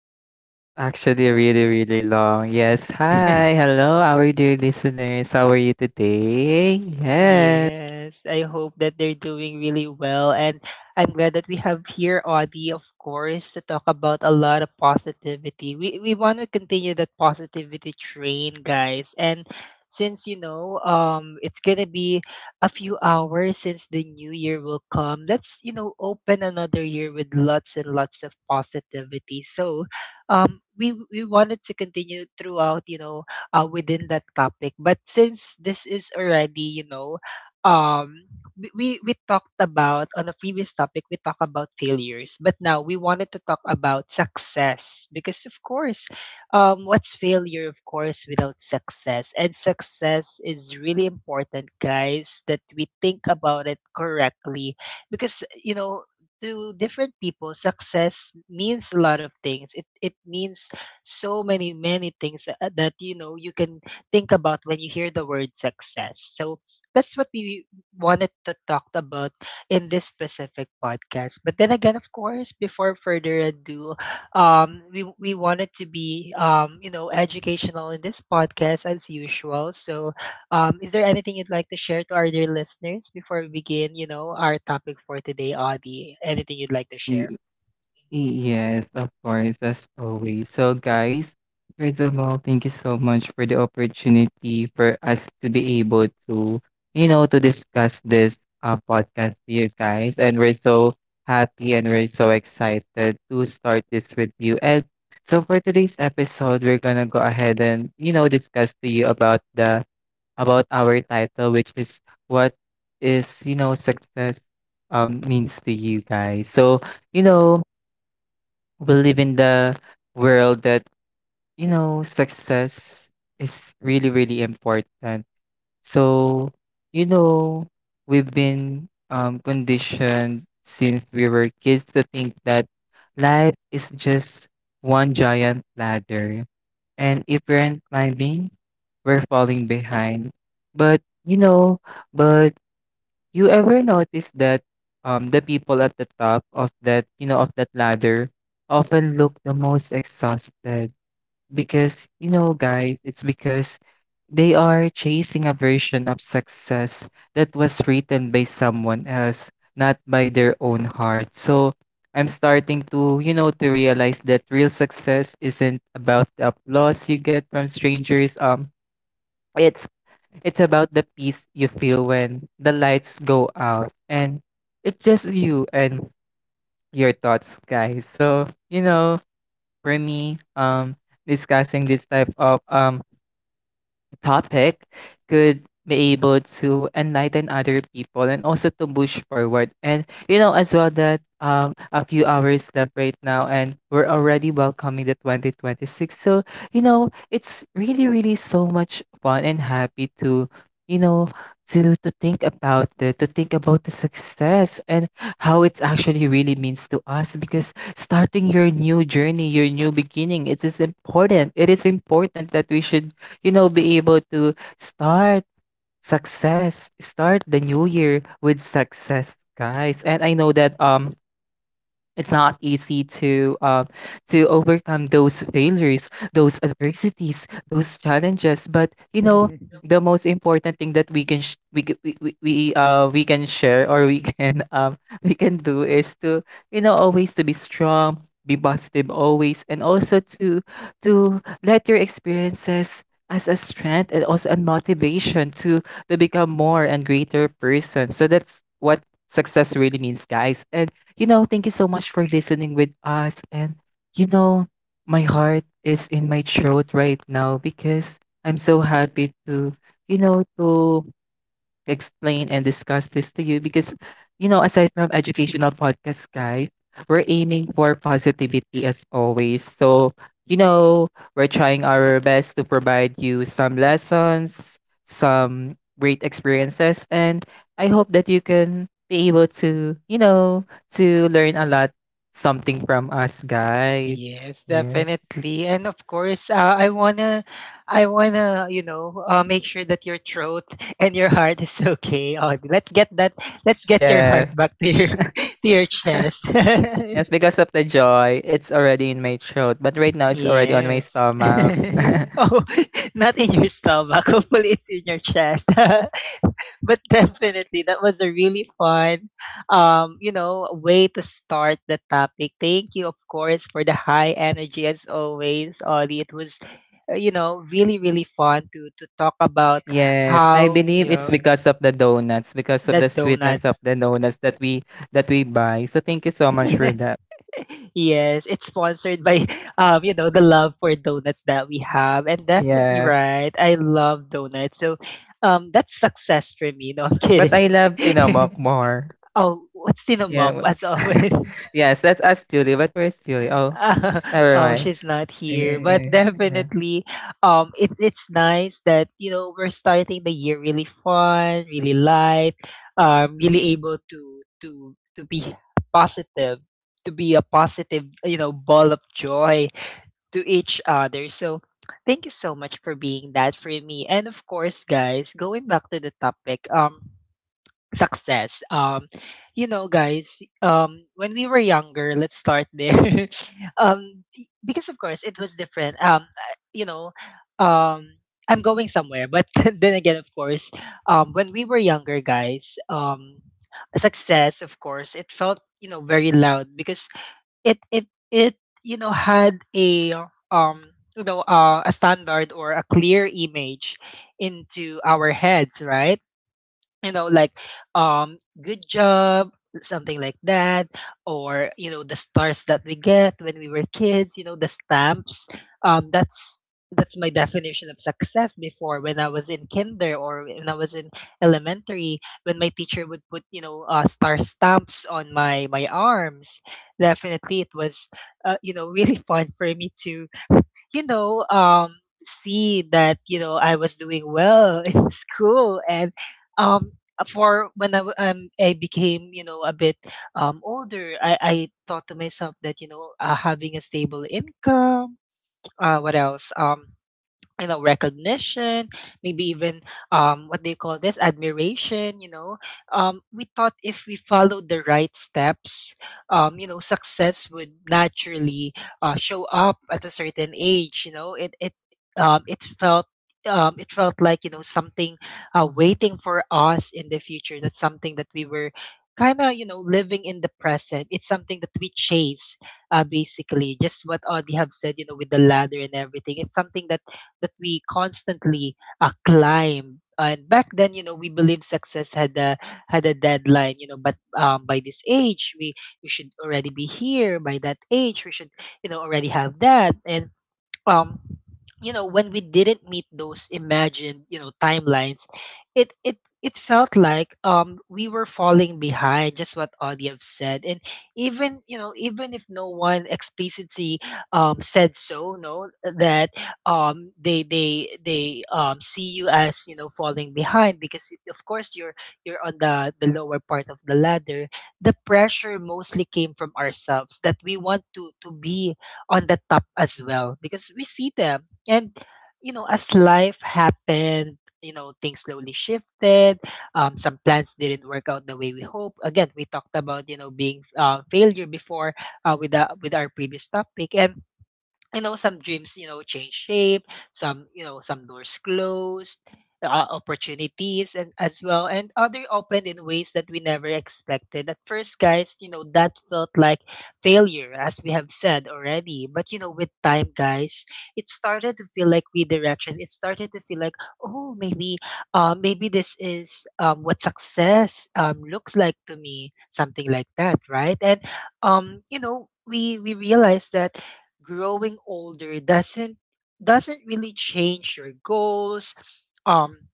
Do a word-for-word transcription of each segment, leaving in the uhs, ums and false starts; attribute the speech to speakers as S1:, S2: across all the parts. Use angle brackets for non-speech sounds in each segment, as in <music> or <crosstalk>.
S1: that's actually really, really long. Yes. Hi.
S2: <laughs>
S1: Hello, our dear listeners. How are you today? Yes.
S2: Yes, I hope that they're doing really well. And I'm glad that we have here Audie, of course, to talk about a lot of positivity. We we want to continue that positivity train, guys. And since you know, um, it's gonna be a few hours since the new year will come. Let's you know open another year with lots and lots of positivity. So, um, we we wanted to continue throughout. You know, uh, within that topic. But since this is already, you know, um, we, we we talked about on a previous topic. We talked about failures, but now we wanted to talk about success because, of course, um, what's failure, of course, without success? And success is really important, guys, that we think about it correctly because, you know, to different people, success means a lot of things. It it means so many many things uh, uh, that you know you can think about when you hear the word success. So that's what we wanted to talk about in this specific podcast, but then again, of course, before further ado, um we, we wanted to be um you know educational in this podcast as usual. So um is there anything you'd like to share to our dear listeners before we begin you know our topic for today, Audie? Anything you'd like to share?
S1: Yes, of course, as always. So, guys, first of all, thank you so much for the opportunity for us to be able to, you know, to discuss this uh, podcast to you guys. And we're so happy and we're so excited to start this with you. And so, for today's episode, we're gonna go ahead and, you know, discuss to you about the about our title, which is what is, you know, success um means to you guys. So, you know, we live in the world that, you know, success is really, really important. So, you know, we've been um, conditioned since we were kids to think that life is just one giant ladder, and if we're not climbing, we're falling behind. But, you know, but you ever notice that um the people at the top of that, you know, of that ladder often look the most exhausted? Because, you know, guys, it's because they are chasing a version of success that was written by someone else, not by their own heart. So I'm starting to, you know, to realize that real success isn't about the applause you get from strangers. Um, it's It's about the peace you feel when the lights go out and it's just you and your thoughts, guys. So, you know, for me, um, discussing this type of um topic could be able to enlighten other people and also to push forward. And you know as well that um a few hours left right now and we're already welcoming the twenty twenty-six. So, you know, it's really really so much fun and happy to, you know, to to think about it, to think about the success and how it actually really means to us, because starting your new journey, your new beginning, it is important. It is important that we should, you know, be able to start success, start the new year with success, guys. And I know that um it's not easy to uh, to overcome those failures, those adversities, those challenges. But you know,
S2: <laughs>
S1: the most important thing that we can sh- we, c- we we we uh we can share or we can <laughs> um we can do is to, you know, always to be strong, be positive always, and also to to let your experiences as a strength and also a motivation to to become more and greater person. So that's what success really means, guys. And, you know, thank you so much for listening with us. And, you know, my heart is in my throat right now because I'm so happy to, you know, to explain and discuss this to you, because, you know, aside from educational podcasts, guys, we're aiming for positivity as always. So, you know, we're trying our best to provide you some lessons, some great experiences, and I hope that you can be able to, you know, to learn a lot something from us, guys.
S2: Yes,
S1: Yes.
S2: definitely. And of course, uh, I wanna I wanna, you know, uh, make sure that your throat <laughs> and your heart is <laughs> okay. Oh, let's get that, let's get your heart
S1: Yes.
S2: back to your <laughs> to your chest. <laughs>
S1: Yes, because of the joy, it's already in my throat, but right now it's already on my
S2: Yes. <laughs>
S1: stomach. <laughs>
S2: Oh, <laughs> not in your stomach. <laughs> Hopefully, it's in your chest. <laughs> But definitely, that was a really fun, um, you know, way to start the topic. Thank you, of course, for the high energy as always, Ollie. It was, uh, you know, really, really fun to to talk about
S1: Yes, I
S2: how
S1: believe
S2: you
S1: it's
S2: know
S1: because of the donuts, because of
S2: the
S1: the sweetness of
S2: donuts.
S1: the donuts that we that we buy. So thank you so much for
S2: <laughs>
S1: that.
S2: <laughs> Yes, it's sponsored by <laughs> um, you know, the love for donuts that we have. And definitely,
S1: Yeah.
S2: right. I love donuts. So um that's success for me. No, I'm
S1: But
S2: kidding.
S1: I love
S2: <laughs>
S1: tinomok more.
S2: Oh, what's
S1: Yeah.
S2: Tinamak
S1: w-
S2: as always?
S1: <laughs>
S2: <laughs>
S1: yes, that's us, Julie. But where's Julie? Oh,
S2: Uh,
S1: never
S2: oh,
S1: mind.
S2: she's not
S1: Yeah.
S2: here. But
S1: Yeah, yeah. Yeah.
S2: definitely, um, it, it's nice that, you know, we're starting the year really fun, really light, um, really able to to to be positive, to be a positive, you know, ball of joy to each other. So thank you so much for being that for me. And of course, guys, going back to the topic, um, success. Um, you know, guys, um, when we were younger, let's start there. <laughs> um, because of course it was different. Um, I- you know, um. I'm going somewhere, but <laughs> then again, of course, um, when we were younger, guys, um, success, of course, it felt you know very loud because it it it you know had a um you know uh, a standard or a clear image into our heads, right? You know, like um good job, something like that, or you know the stars that we get when we were kids, you know, the stamps. um that's that's my definition of success before when I was in kinder, or when I was in elementary, when my teacher would put you know uh, star stamps on my my arms. Definitely it was uh, you know <laughs> really fun for me to you know um see that you know I was doing well <laughs> in school. And um for when I, w- um, I became, you know, a bit um, older, I, I thought to myself that, you know, uh, having a stable income, uh, what else? Um, you know, recognition, maybe even um what do you call this, admiration, you know. um we thought if we followed the right steps, um you know, success would naturally uh, show up at a certain age. You know, it it um it felt, um, it felt like you know something uh, waiting for us in the future. That's something that we were kind of you know living in the present. It's something that we chase, uh, basically just what Audie have said, you know, with the ladder and everything. It's something that that we constantly uh, climb. And back then, you know, we believed success had a had a deadline, you know. But um, by this age, we we should already be here. By that age, we should, you know, already have that. And um you know when we didn't meet those imagined you know timelines, it it it felt like um we were falling behind, just what Audiev said. And even you know, even if no one explicitly um said so, no, that um they they they um see you as you know falling behind because of course you're you're on the the lower part of the ladder. The pressure mostly came from ourselves, that we want to to be on the top as well, because we see them. And you know as life happened, you know, things slowly shifted. um, some plans didn't work out the way we hoped. Again, we talked about you know being uh, failure before, uh, with the, with our previous topic. And you know, some dreams, you know, change shape, some, you know, some doors closed, uh, opportunities and as well and other opened in ways that we never expected. At first, guys, you know, that felt like failure, as we have said already. But you know, with time, guys, it started to feel like redirection. It started to feel like, oh, maybe uh maybe this is um what success um looks like to me, something like that, right? And um, you know, we we realized that growing older doesn't doesn't really change your goals, um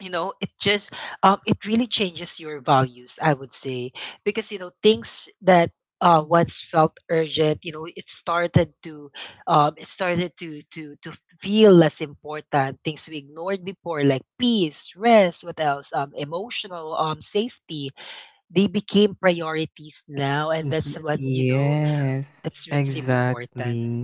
S2: you know, it just um it really changes your values, I would say. Because you know things that uh once felt urgent, you know, it started to um it started to to to feel less important. Things we ignored before, like peace, rest, what else, um emotional um safety, they became priorities now. And that's
S1: Ye-
S2: what you know
S1: Yes,
S2: that's what's important.
S1: exactly.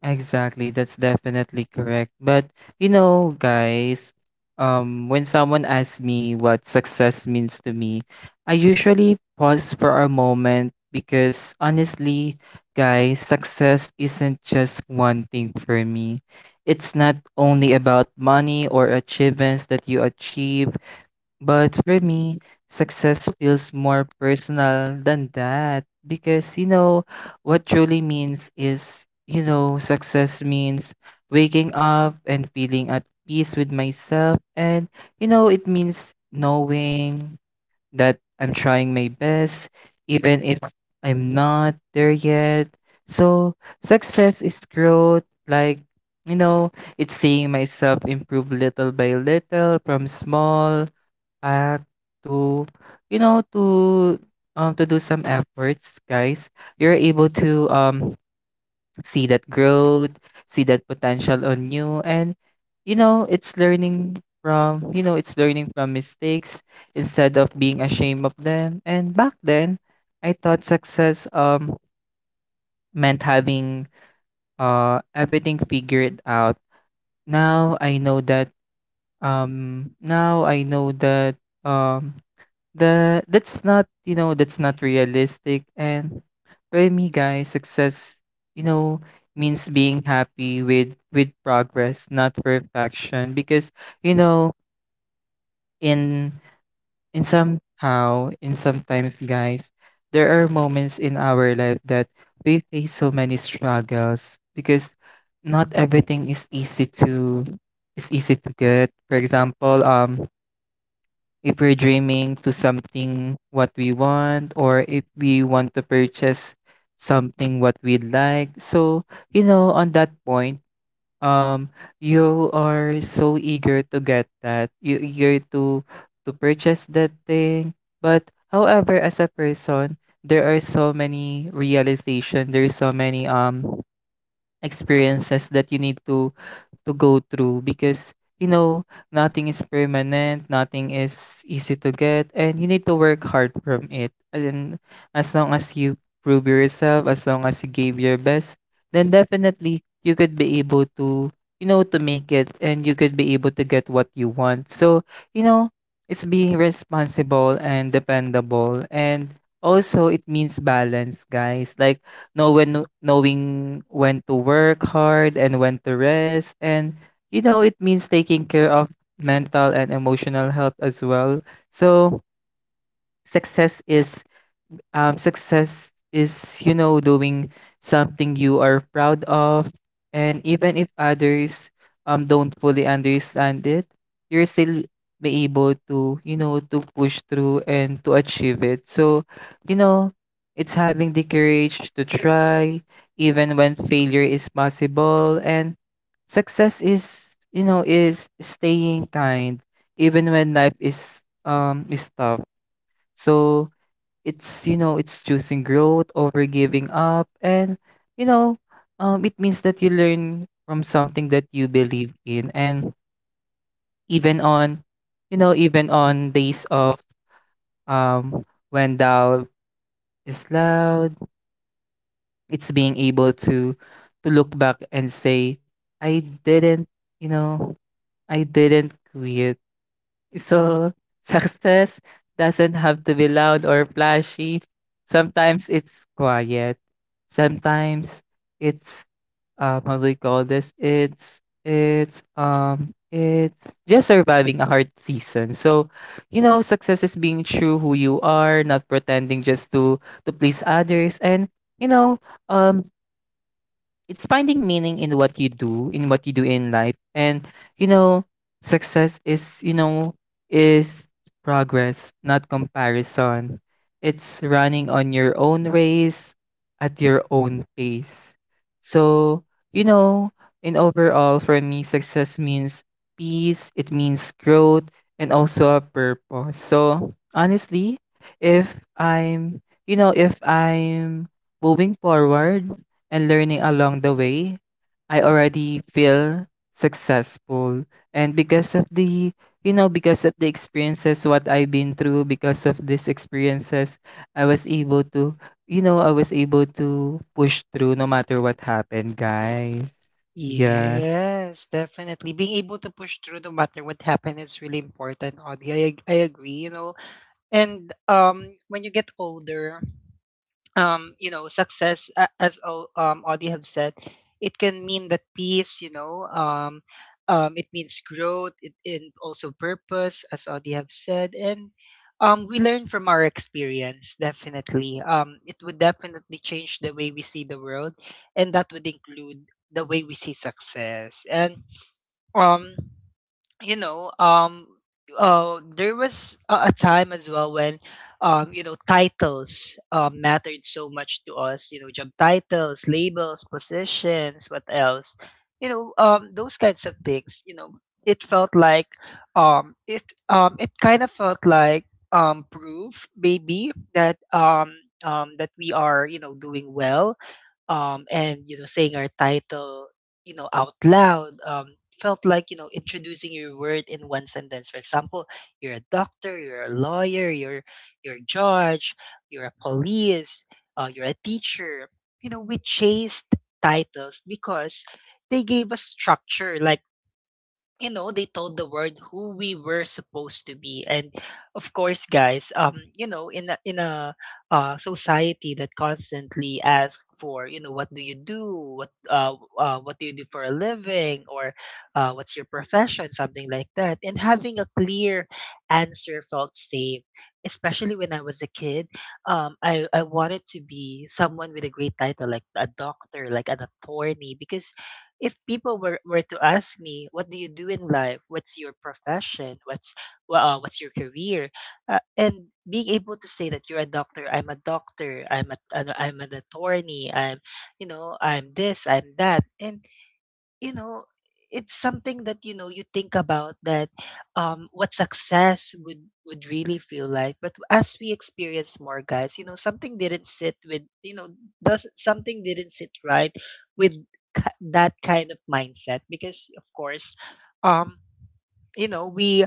S1: Exactly, that's definitely correct. But you know, guys, um, when someone asks me what success means to me, I usually pause for a moment because honestly, guys, success isn't just one thing for me. It's not only about money or achievements that you achieve, but for me, success feels more personal than that, because, you know, what truly means is, you know, success means waking up and feeling at peace with myself. And, you know, it means knowing that I'm trying my best, even if I'm not there yet. So, success is growth, like, you know, it's seeing myself improve little by little from small uh, to, you know, to um to do some efforts, guys. You're able to um see that growth, see that potential on you. And, you know, it's learning from, you know, it's learning from mistakes instead of being ashamed of them. And back then I thought success um meant having uh everything figured out. Now I know that um now I know that um The that's not, you know, that's not realistic. And for me, guys, success, you know, means being happy with with progress, not perfection. Because, you know, in in somehow, in sometimes, guys, there are moments in our life that we face so many struggles, because not everything is easy to is easy to get. For example, um if we're dreaming to something what we want, or if we want to purchase something what we'd like. So, you know, on that point, um, you are so eager to get that. You eager to to purchase that thing. But however, as a person, there are so many realization, there is so many um experiences that you need to to go through, because, you know, nothing is permanent, nothing is easy to get, and you need to work hard from it. And as long as you prove yourself, as long as you gave your best, then definitely you could be able to, you know, to make it, and you could be able to get what you want. So, you know, it's being responsible and dependable, and also it means balance, guys, like know when knowing when to work hard and when to rest. And, you know, it means taking care of mental and emotional health as well. So success is um, success is, you know, doing something you are proud of, and even if others um don't fully understand it, you're still be able to, you know, to push through and to achieve it. So, you know, it's having the courage to try even when failure is possible. And success is, you know, is staying kind even when life is um is tough. So it's, you know, it's choosing growth over giving up. And, you know, um, it means that you learn from something that you believe in. And even on, you know, even on days of um when doubt is loud, it's being able to to look back and say I didn't, you know, I didn't quit. So, success doesn't have to be loud or flashy. Sometimes it's quiet. Sometimes it's um how do we call this? It's it's um it's just surviving a hard season. So, you know, success is being true who you are, not pretending just to to please others. And, you know, um it's finding meaning in what you do, in what you do in life. And, you know, success is, you know, is progress, not comparison. It's running on your own race at your own pace. So, you know, in overall for me success means peace, it means growth, and also a purpose. So honestly, if I'm, you know, if I'm moving forward and learning along the way, I already feel successful. And because of the, you know, because of the experiences, what I've been through, because of these experiences, I was able to, you know, I was able to push through no matter what happened, guys. Yeah.
S2: Yes, definitely. Being able to push through no matter what happened is really important, Audie. I, ag- I agree, you know. And um, when you get older, um, you know, success, a- as O- um, Audie have said, it can mean that peace, you know, um, um, it means growth, it, and also purpose, as Audie have said. And um, we learn from our experience. Definitely, um, it would definitely change the way we see the world, and that would include the way we see success. And um, you know, um, uh, there was a, a time as well when, um, you know, titles uh, mattered so much to us. You know, job titles, labels, positions, what else? You know, um, those kinds of things. You know, it felt like, um, it um, it kind of felt like um, proof, maybe, that um, um, that we are you know doing well. um, and you know saying our title you know out loud, um, felt like you know introducing your word in one sentence. For example, you're a doctor, you're a lawyer, you're you're a judge, you're a police, uh, you're a teacher. You know, we chased titles because they gave us structure, like, you know, they told the world who we were supposed to be. And of course, guys, um you know, in a in a uh, society that constantly asks for you know, what do you do, what uh, uh what do you do for a living, or uh, what's your profession, something like that. And having a clear answer felt safe, especially when I was a kid. um i i wanted to be someone with a great title, like a doctor, like an attorney, because if people were, were to ask me, what do you do in life, what's your profession, what's wha- uh, what's your career, uh, and being able to say that you're a doctor, I'm a doctor, i'm a, an- I'm an attorney, I'm you know I'm this, I'm that. And you know it's something that you know you think about that um what success would would really feel like. But as we experience more, guys, you know, something didn't sit with you know, does something didn't sit right with ki- that kind of mindset. Because of course, um you know, we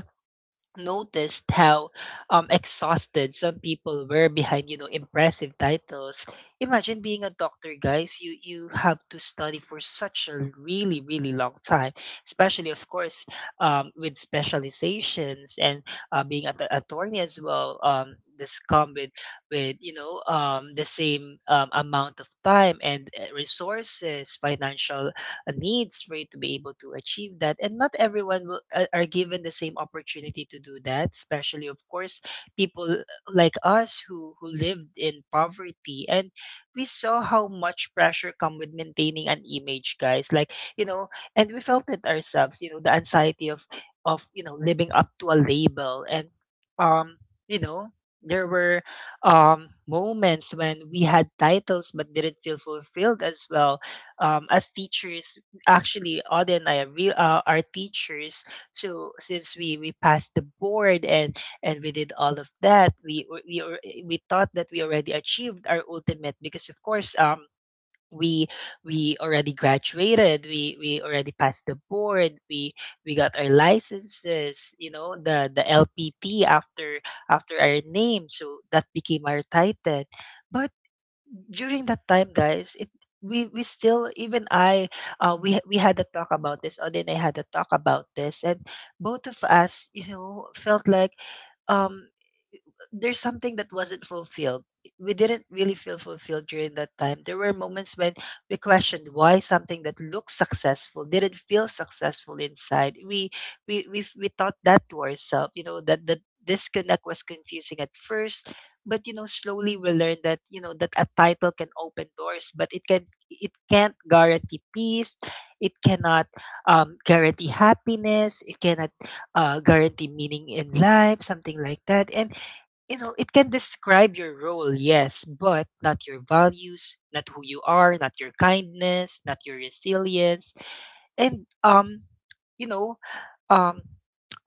S2: noticed how um, exhausted some people were behind you know impressive titles. Imagine being a doctor, guys, you you have to study for such a really really long time, especially of course, um, with specializations. And uh, being an attorney as well, um, this come with with you know um, the same um, amount of time and uh, resources, financial uh, needs for you to be able to achieve that. And not everyone will, uh, are given the same opportunity to do that, especially of course people like us who who lived in poverty. And we saw how much pressure come with maintaining an image, guys, like you know. And we felt it ourselves, you know, the anxiety of of you know living up to a label. And um you know there were um moments when we had titles but didn't feel fulfilled as well, um as teachers. Actually, Audie and I are real, uh, are teachers. So since we we passed the board and and we did all of that, we we we al- we thought that we already achieved our ultimate, because of course um we we already graduated, we we already passed the board, we we got our licenses, you know, the the L P T after after our name, so that became our title. But during that time, guys, it we we still, even I uh we we had a talk about this. Odin and I had a talk about this, and both of us, you know, felt like um there's something that wasn't fulfilled. We didn't really feel fulfilled during that time. There were moments when we questioned why something that looked successful didn't feel successful inside. We we we, we thought that to ourselves, you know, that the disconnect was confusing at first. But you know, slowly we learned that, you know, that a title can open doors, but it can it can't guarantee peace. It cannot um, guarantee happiness. It cannot uh, guarantee meaning in life, something like that. And you know, it can describe your role, yes, but not your values, not who you are, not your kindness, not your resilience. And um, you know, um,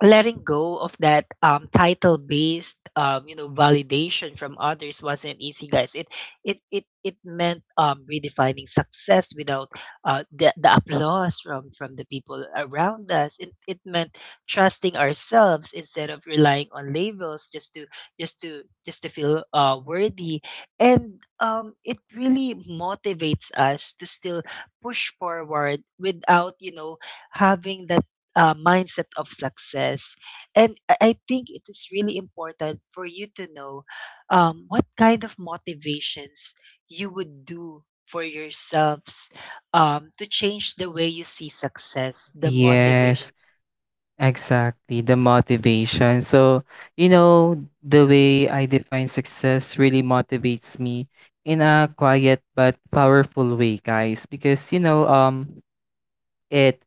S2: letting go of that um, title based um, you know validation from others wasn't easy, guys. It it it, it meant um, redefining success without uh, the, the applause from from the people around us. It, it meant trusting ourselves instead of relying on labels just to just to just to feel uh, worthy. And um, it really motivates us to still push forward without you know having that uh, mindset of success. And I I think it is really important for you to know um, what kind of motivations you would do for yourselves um, to change the way you see success, the
S1: Yes.
S2: motivations.
S1: Exactly, the motivation. So, you know, the way I define success really motivates me in a quiet but powerful way, guys, because, you know, um it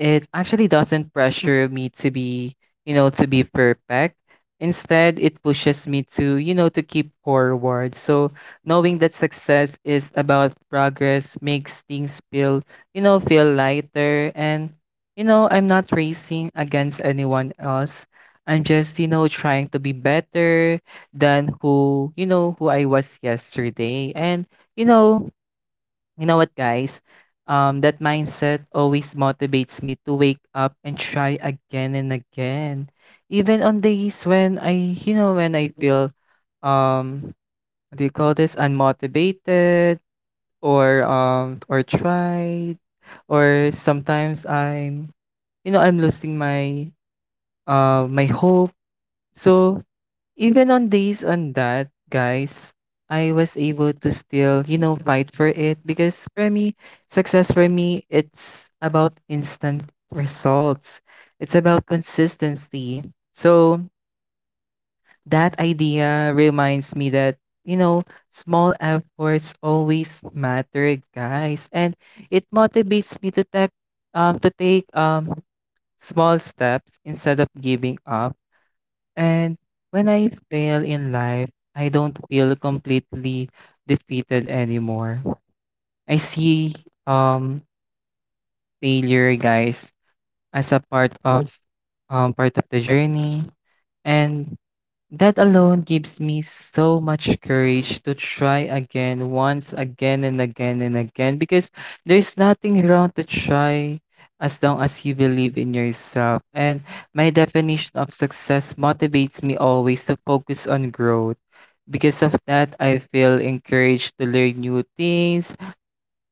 S1: it actually doesn't pressure me to be, you know, to be perfect. Instead, it pushes me to, you know, to keep forward. So knowing that success is about progress makes things feel, you know, feel lighter. And, you know, I'm not racing against anyone else. I'm just, you know, trying to be better than who, you know, who I was yesterday. And, you know, you know what, guys? Um, that mindset always motivates me to wake up and try again and again, even on days when I, you know, when I feel, um, what do you call this, unmotivated or um or tried, or sometimes I'm, you know, I'm losing my uh my hope. So even on days on that, guys, I was able to still, you know, fight for it. Because for me, success for me, it's about instant results. It's about consistency. So that idea reminds me that, you know, small efforts always matter, guys. And it motivates me to take um to take um small steps instead of giving up. And when I fail in life, I don't feel completely defeated anymore. I see um failure, guys, as a part of um part of the journey. And that alone gives me so much courage to try again, once again and again and again, because there's nothing wrong to try as long as you believe in yourself. And my definition of success motivates me always to focus on growth. Because of that, I feel encouraged to learn new things.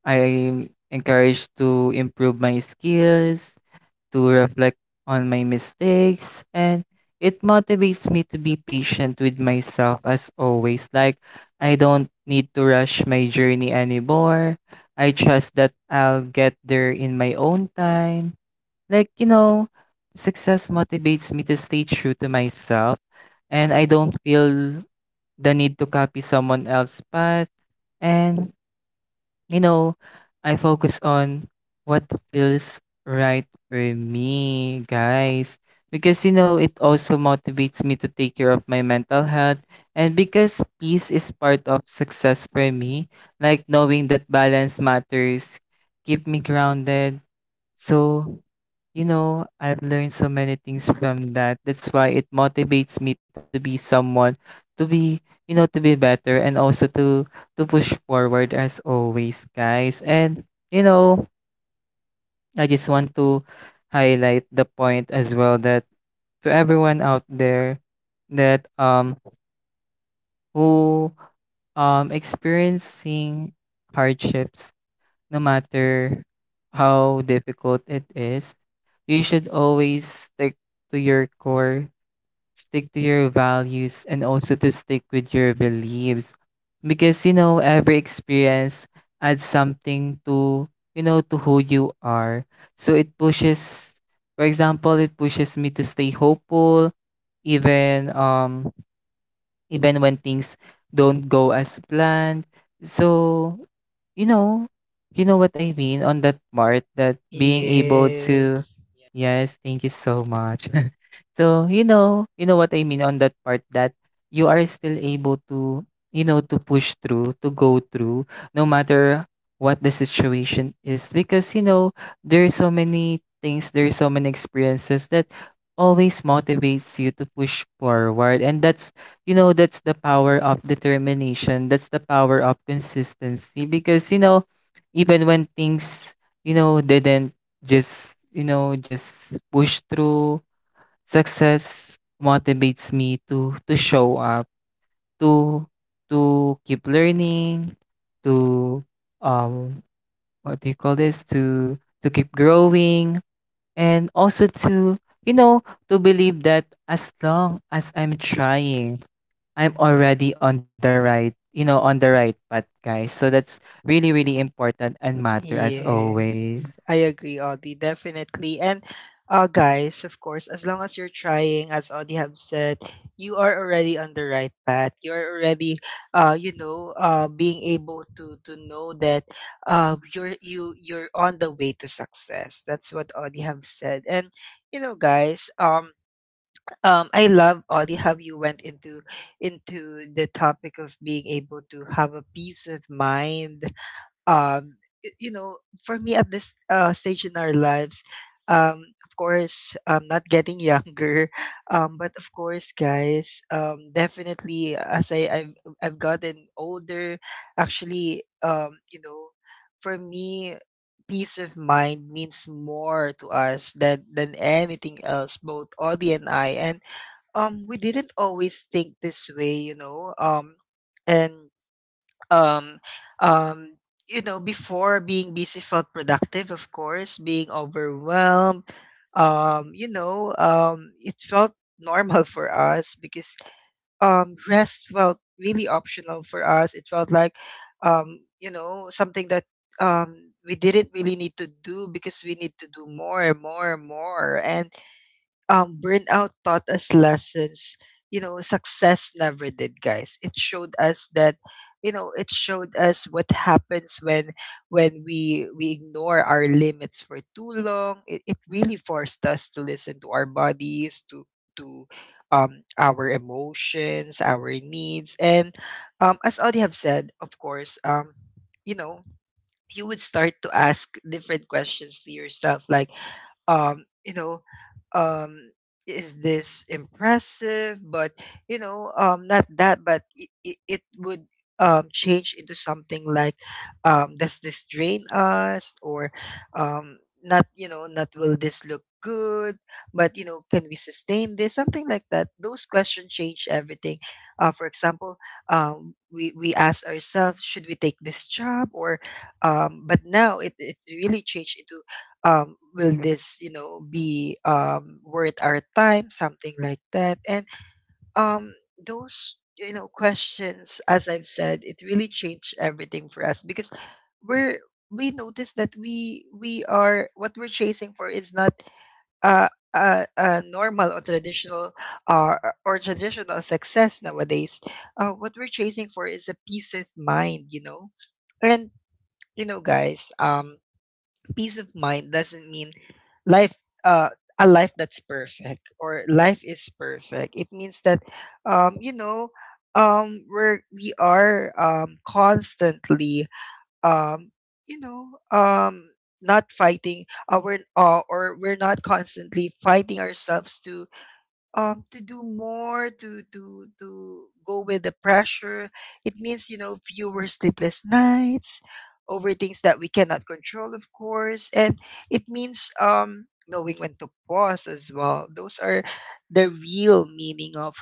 S1: I'm encouraged to improve my skills to reflect on my mistakes, and it motivates me to be patient with myself as always. Like, I don't need to rush my journey anymore. I trust that I'll get there in my own time. Like, you know, Success motivates me to stay true to myself, and I don't feel the need to copy someone else's path. And You know, I focus on what feels right for me, guys. Because, you know, it also motivates me to take care of my mental health. And because peace is part of success for me, like knowing that balance matters, keep me grounded. So, You know, I've learned so many things from that. That's why it motivates me to be someone, to be, you know, to be better, and also to to push forward as always, guys. And you know, I just want to highlight the point as well that, to everyone out there, that um who um experiencing hardships, no matter how difficult it is, you should always stick to your core, stick to your values, and also to stick with your beliefs. Because you know every experience adds something to, you know to who you are. So it pushes, for example, it pushes me to stay hopeful, even um even when things don't go as planned. So, you know, you know what I mean on that part that being able mm to
S2: Yes.
S1: yes, thank you so much. <laughs> So, you know, you know what I mean on that part, that you are still able to, you know, to push through, to go through, no matter what the situation is. Because you know, there are so many things, there are so many experiences that always motivates you to push forward, and that's you know that's the power of determination, that's the power of consistency. Because you know even when things, you know didn't, just you know just push through. Success motivates me to to show up, to to keep learning, to um what do you call this, to to keep growing, and also to, you know to believe that as long as I'm trying, I'm already on the right, you know, on the right path, guys. So that's really, really important and matter as
S2: Yes,
S1: always.
S2: I agree, Audie, definitely. And uh, guys, of course, as long as you're trying, as Audie have said, you are already on the right path. You are already, uh, you know, uh, being able to to know that uh, you're you you're on the way to success. That's what Audie have said. And you know, guys, um, um, I love Audie how you went into into the topic of being able to have a peace of mind. um y- you know, for me at this uh, stage in our lives, um of course I'm not getting younger <laughs> um But of course, guys, um definitely, as i i've, I've gotten older, actually, um you know, for me peace of mind means more to us than than anything else, both Audie and I. And um we didn't always think this way, you know. Um and um um you know, before, being busy felt productive. Of course, being overwhelmed, um you know, um it felt normal <laughs> for us, because um rest felt really optional for us. It felt like um you know something that um we didn't really need to do because we need to do more and more and more. And um, burnout taught us lessons. You know, success never did, guys. It showed us that, you know, it showed us what happens when when we we ignore our limits for too long. It, it really forced us to listen to our bodies, to to um, our emotions, our needs. And um, as Audie have said, of course, um, you know, you would start to ask different questions to yourself, like um you know um is this impressive, but you know um not that, but it, it, it would um change into something like um does this drain us, or um not, you know, not will this look good, but you know can we sustain this, something like that. Those questions change everything. Uh, for example, um, we we ask ourselves should we take this job, or um, but now, it, it really changed into um, will this you know be um, worth our time, something like that. And um, those you know questions, as I've said, it really changed everything for us, because we're, we notice that we we are, what we're chasing for is not uh, a, a normal or traditional uh, or traditional success nowadays. Uh, what we're chasing for is a peace of mind, you know. And you know, guys, um peace of mind doesn't mean life uh a life that's perfect, or life is perfect. It means that um you know um we're we are um constantly um you know um not fighting, uh, we're, uh, or we're not constantly fighting ourselves to um, to do more, to to to go with the pressure. It means, you know, fewer sleepless nights over things that we cannot control, of course. And it means um, knowing when to pause as well. Those are the real meaning of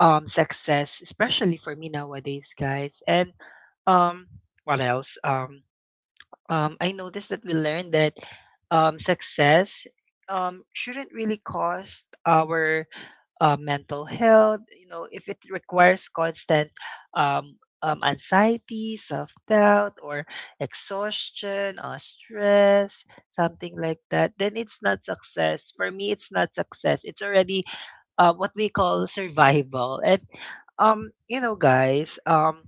S2: um, success, especially for me nowadays, guys. And um, what else? Um, um, I noticed that we learned that um, success um, shouldn't really cost our uh, mental health, you know. If it requires constant um, um, anxiety, self doubt, or exhaustion, or stress, something like that, then it's not success. For me, it's not success. It's already uh, what we call survival. And um, you know, guys, um,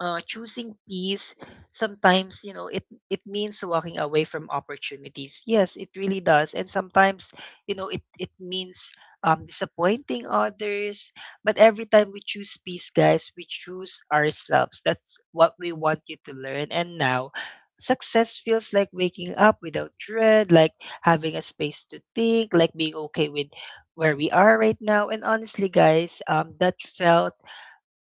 S2: uh, choosing peace sometimes, you know, it it means walking away from opportunities, yes it really does. And sometimes, you know, it it means um, disappointing others. But every time we choose peace, guys, we choose ourselves. That's what we want you to learn. And now success feels like waking up without dread, like having a space to think, like being okay with where we are right now. And honestly, guys, um that felt,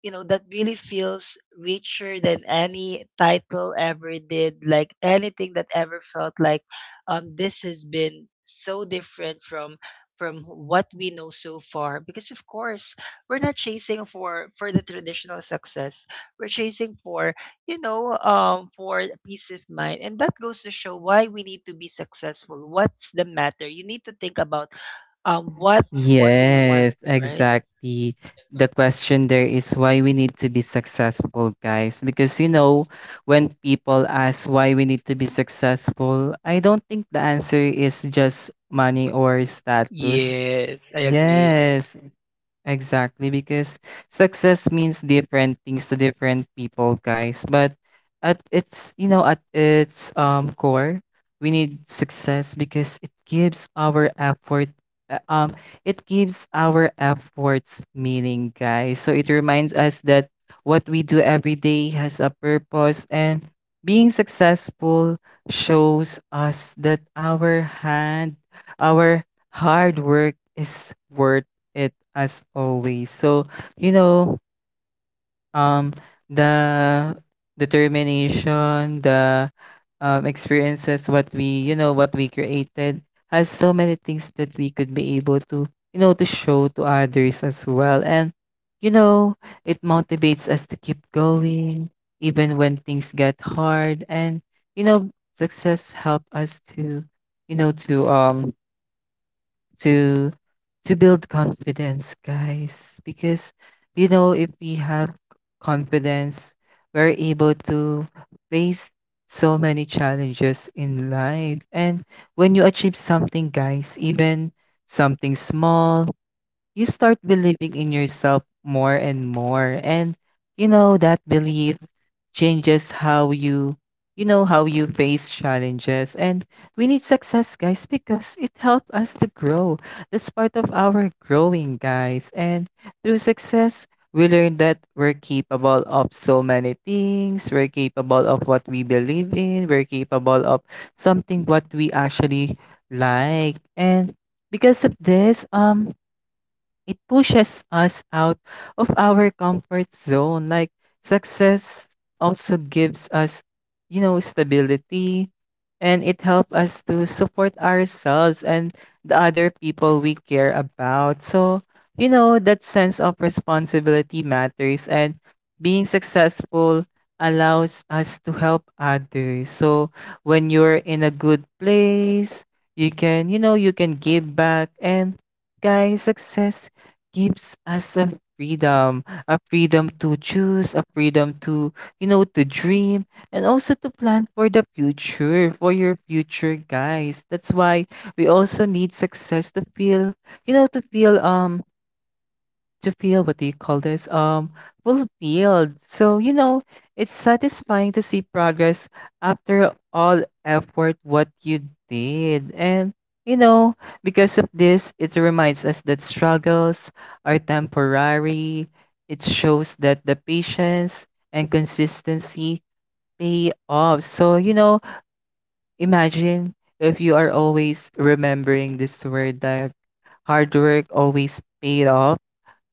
S2: you know, that really feels richer than any title ever did, like anything that ever felt like. Um this has been so different from from what we know so far, because of course we're not chasing for for the traditional success. We're chasing for, you know, um for peace of mind. And that goes to show why we need to be successful. What's the matter? You need to think about um what what do you
S1: Yes,
S2: want, right?
S1: exactly. The question there is why we need to be successful, guys. Because, you know, when people ask why we need to be successful, I don't think the answer is just money or status.
S2: Yes, I agree.
S1: Yes, exactly, because success means different things to different people, guys. But at its, you know, at its um core, we need success because it gives our effort uh, um it gives our efforts meaning, guys. So it reminds us that what we do every day has a purpose, and being successful shows us that our hand, our hard work is worth it as always. So, you know, um, the determination, the um, experiences, what we, you know, what we created, has so many things that we could be able to, you know, to show to others as well. And, you know, it motivates us to keep going, even when things get hard. And, you know, success help us to, you know, to um to to build confidence, guys. Because you know, if we have confidence, we're able to face so many challenges in life. And when you achieve something, guys, even something small, you start believing in yourself more and more. And you know that belief, changes how you you know how you face challenges. And we need success, guys, because it helps us to grow. That's part of our growing, guys. And through success, we learn that we're capable of so many things. We're capable of what we believe in. We're capable of something what we actually like. And because of this, um it pushes us out of our comfort zone. Like, success also gives us, you know, stability, and it helps us to support ourselves and the other people we care about. So, you know, that sense of responsibility matters, and being successful allows us to help others. So when you're in a good place, you can, you know, you can give back. And guys, success gives us a freedom, a freedom to choose, a freedom to, you know, to dream, and also to plan for the future, for your future, guys. That's why we also need success to feel, you know, to feel um to feel, what do you call this, um fulfilled. So you know it's satisfying to see progress after all effort what you did. And you know because of this, it reminds us that struggles are temporary. It shows that the patience and consistency pay off. So you know imagine if you are always remembering this word, that hard work always paid off.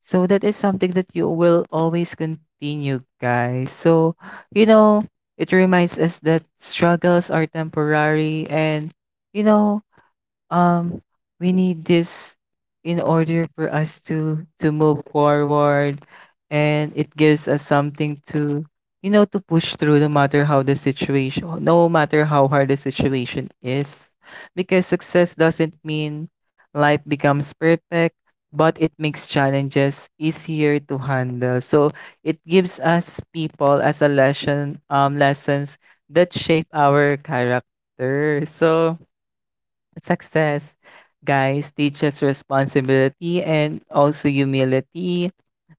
S1: So that is something that you will always continue, guys. So, you know, it reminds us that struggles are temporary, and, you know, um we need this in order for us to to move forward. And it gives us something to, you know to push through, no matter how the situation, no matter how hard the situation is. Because success doesn't mean life becomes perfect, but it makes challenges easier to handle. So it gives us people as a lesson, um lessons that shape our character. So success, guys, teaches responsibility and also humility.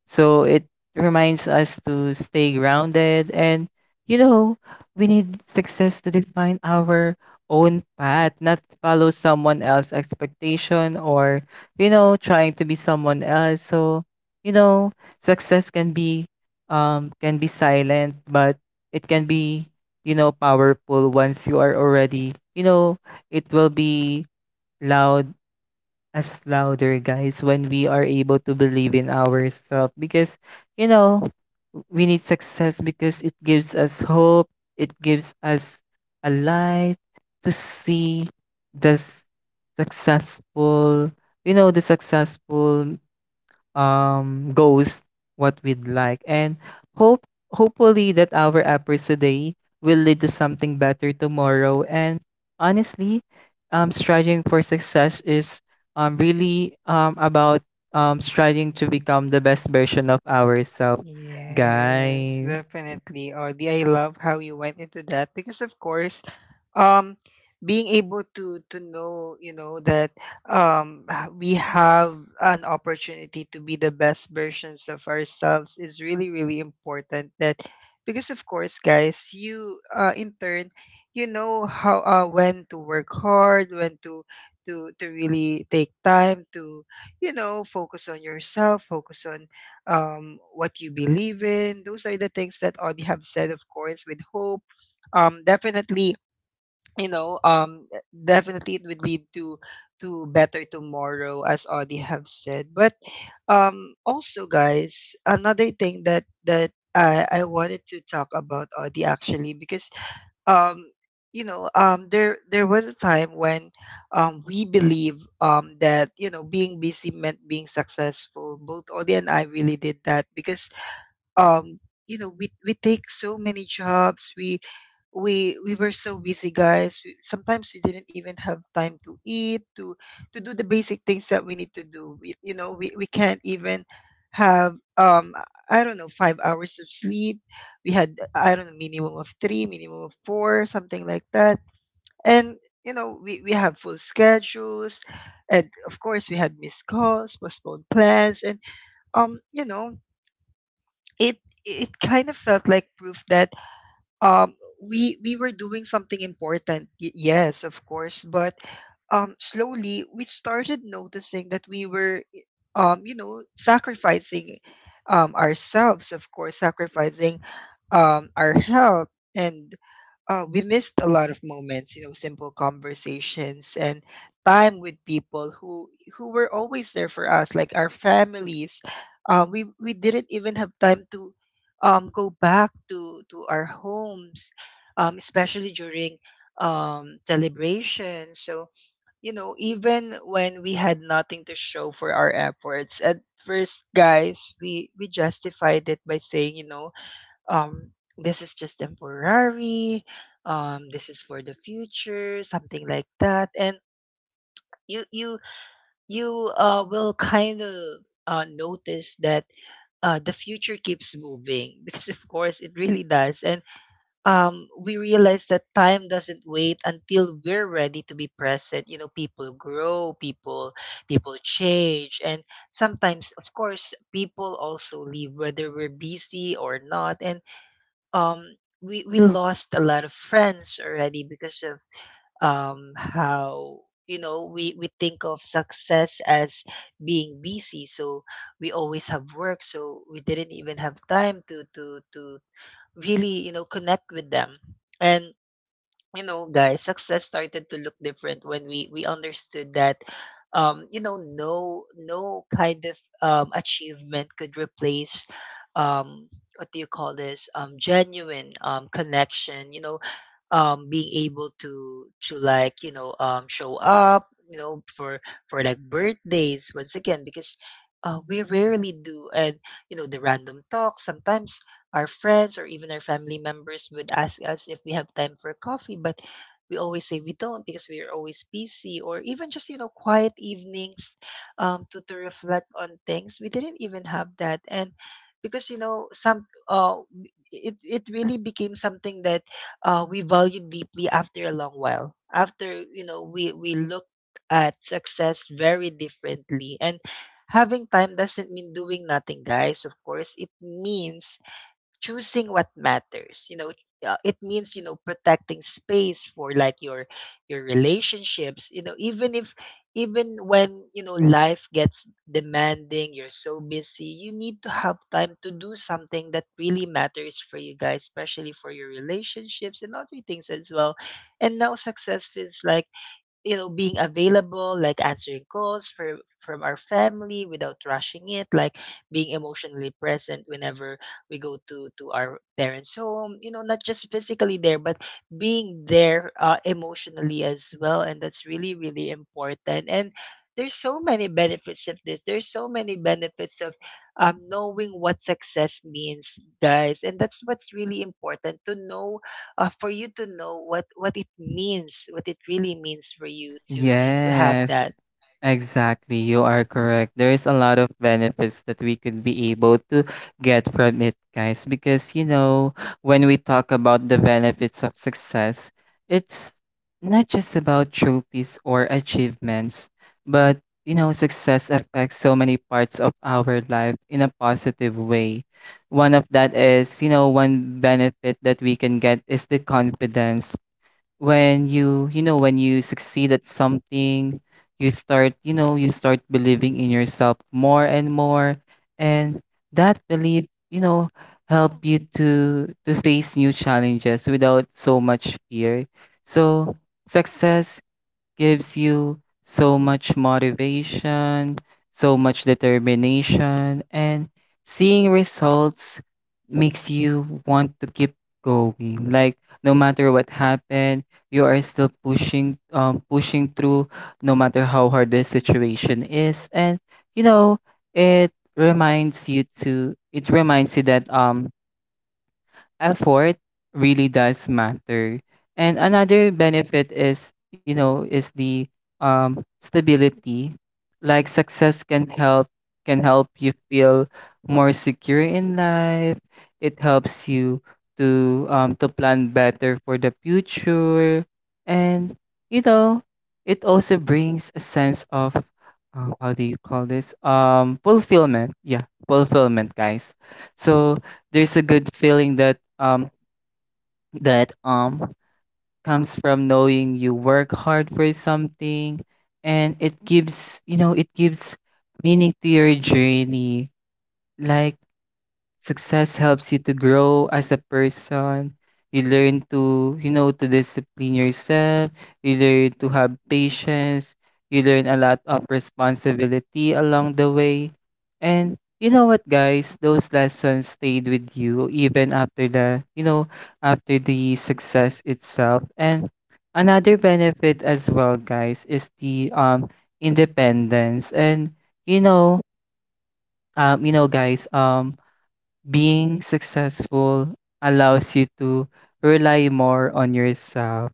S1: So it reminds us to stay grounded, and, you know, we need success to define our own path, not follow someone else's expectation, or, you know, trying to be someone else. So, you know, success can be um can be silent, but it can be, you know, powerful. Once you are already, you know, it will be loud, as louder, guys, when we are able to believe in ourselves. Because you know we need success because it gives us hope. It gives us a light to see the s- successful, you know the successful um goals what we'd like. And hope, hopefully, that our efforts today will lead to something better tomorrow. And honestly, um striving for success is um really um about um striving to become the best version of ourselves,
S2: Yes,
S1: guys.
S2: definitely. Audie, I love how you went into that, because of course, um, being able to to know, you know, that um h- we have an opportunity to be the best versions of ourselves is really, really important. That, because of course, guys, you uh in turn, you know how, uh when to work hard, when to to to really take time to, you know, focus on yourself, focus on um, what you believe in. Those are the things that Audie have said, of course, with hope. Um, definitely, you know, um, e- definitely it would lead to to better tomorrow, as Audie have said. But um, also, guys, another thing that that I I wanted to talk about, Audie, actually, because um you know um there there was a time when um we believe um that you know being busy meant being successful, both Audie and I really did that, because um you know we we take so many jobs, we we we were so busy, guys. We, sometimes we didn't even have time to eat, to to do the basic things that we need to do. We, you know, we, we can't even have um I don't know, five hours of sleep. We had, I don't know, minimum of three, minimum of four, something like that. And you know, we, we have full schedules. And of course we had missed calls, postponed plans. And um you know it, it kind of felt like proof that um we we were doing something important, y- yes of course. But um slowly we started noticing that we were, um you know, sacrificing um ourselves, of course, sacrificing um our health. And uh, we missed a lot of moments, you know, simple conversations and time with people who who were always there for us, like our families. Uh, we we didn't even have time to um, go back to to our homes, um, especially during um, celebrations. So you know, even when we had nothing to show for our efforts, at first, guys, we we justified it by saying, you know um this is just temporary. Um this is for the future, something like that. And you you you uh will kind of uh notice that uh the future keeps moving <laughs> because of course it really does. And um we realize that time doesn't wait until we're ready to be present. You know, people grow, people people change, and sometimes of course people also leave whether we're busy or not. And um we we lost a lot of friends already because of, um how, you know, we we think of success as being busy. So we always have work, so we didn't even have time to to to really, you know, connect with them. And you know, guys, success started to look different when we we understood that, um you know, no no kind of um achievement could replace, um what do you call this, um genuine um connection, you know. Um being able to, to like, you know, um show up, you know, for for like birthdays once again, because uh, we rarely do. And you know, the random talks sometimes, our friends or even our family members would ask us if we have time for coffee, but we always say we don't because we're always busy, or even just, you know, quiet evenings um to, to reflect on things. We didn't even have that. And because, you know, some uh it it really became something that, uh, we valued deeply after a long while. After, you know, we we looked at success very differently. And having time doesn't mean doing nothing, guys. Of course it means choosing what matters, you know. Uh, it means, you know, protecting space for, like, your your relationships, you know. Even if, even when, you know, life gets demanding, you're so busy, you need to have time to do something that really matters for you, guys, especially for your relationships and other things as well. And now success feels like, you know, being available, like answering calls for from our family without rushing it, like being emotionally present whenever we go to to our parents' home, you know, not just physically there but being there, uh, emotionally as well. And that's really, really important. And there's so many benefits of this, there's so many benefits of, um, knowing what success means, guys. And that's what's really important to know, uh, for you to know what what it means, what it really means for you to to have
S1: Yes.
S2: that.
S1: Exactly, you are correct. There is a lot of benefits that we could be able to get from it, guys. Because you know, when we talk about the benefits of success, it's not just about trophies or achievements, but you know, success affects so many parts of our life in a positive way. One of that is, you know, one benefit that we can get is the confidence. When you you know when you succeed at something, you start you know you start believing in yourself more and more. And that belief, you know help you to to face new challenges without so much fear. So success gives you so much motivation, so much determination, and seeing results makes you want to keep going. Like, no matter what happened, you are still pushing, um, pushing through, no matter how hard the situation is. And you know it reminds you to it reminds you that um effort really does matter. And another benefit is, you know, is the um, stability. Like success can help, can help you feel more secure in life. It helps you to um, to plan better for the future. And you know, it also brings a sense of, uh, how do you call this? Um, fulfillment. Yeah, fulfillment, guys. So there's a good feeling that um that um comes from knowing you work hard for something. And it gives, you know it gives meaning to your journey. Like, success helps you to grow as a person. You learn to, you know, to discipline yourself. You learn to have patience. You learn a lot of responsibility along the way. And you know what, guys? Those lessons stayed with you even after the, you know, after the success itself. And another benefit as well, guys, is the um independence. And you know, um, you know, guys, um, being successful allows you to rely more on yourself.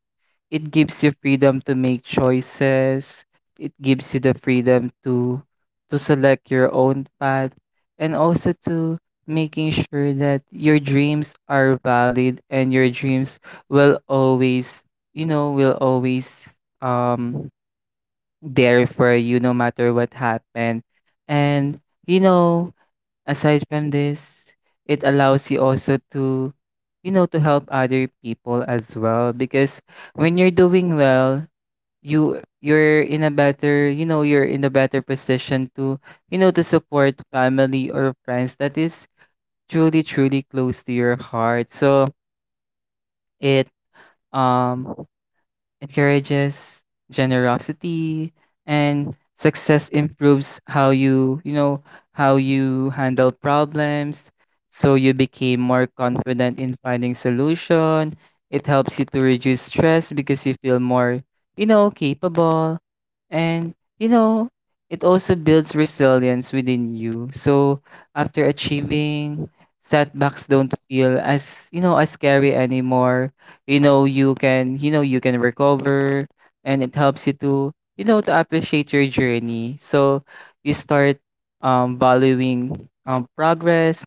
S1: It gives you freedom to make choices. It gives you the freedom to to select your own path, and also to making sure that your dreams are valid, and your dreams will always, you know, will always um there for you no matter what happened. And you know, aside from this, it allows you also to, you know, to help other people as well. Because when you're doing well, you you're in a better, you know, you're in a better position to, you know, to support family or friends that is truly truly close to your heart. So it um encourages generosity, and success improves how you you know how you handle problems, so you became more confident in finding solution. It helps you to reduce stress because you feel more, you know capable, and you know it also builds resilience within you. So after achieving, setbacks don't feel as, you know as scary anymore. You know you can, you know you can recover. And it helps you to, you know to appreciate your journey. So you start um valuing um progress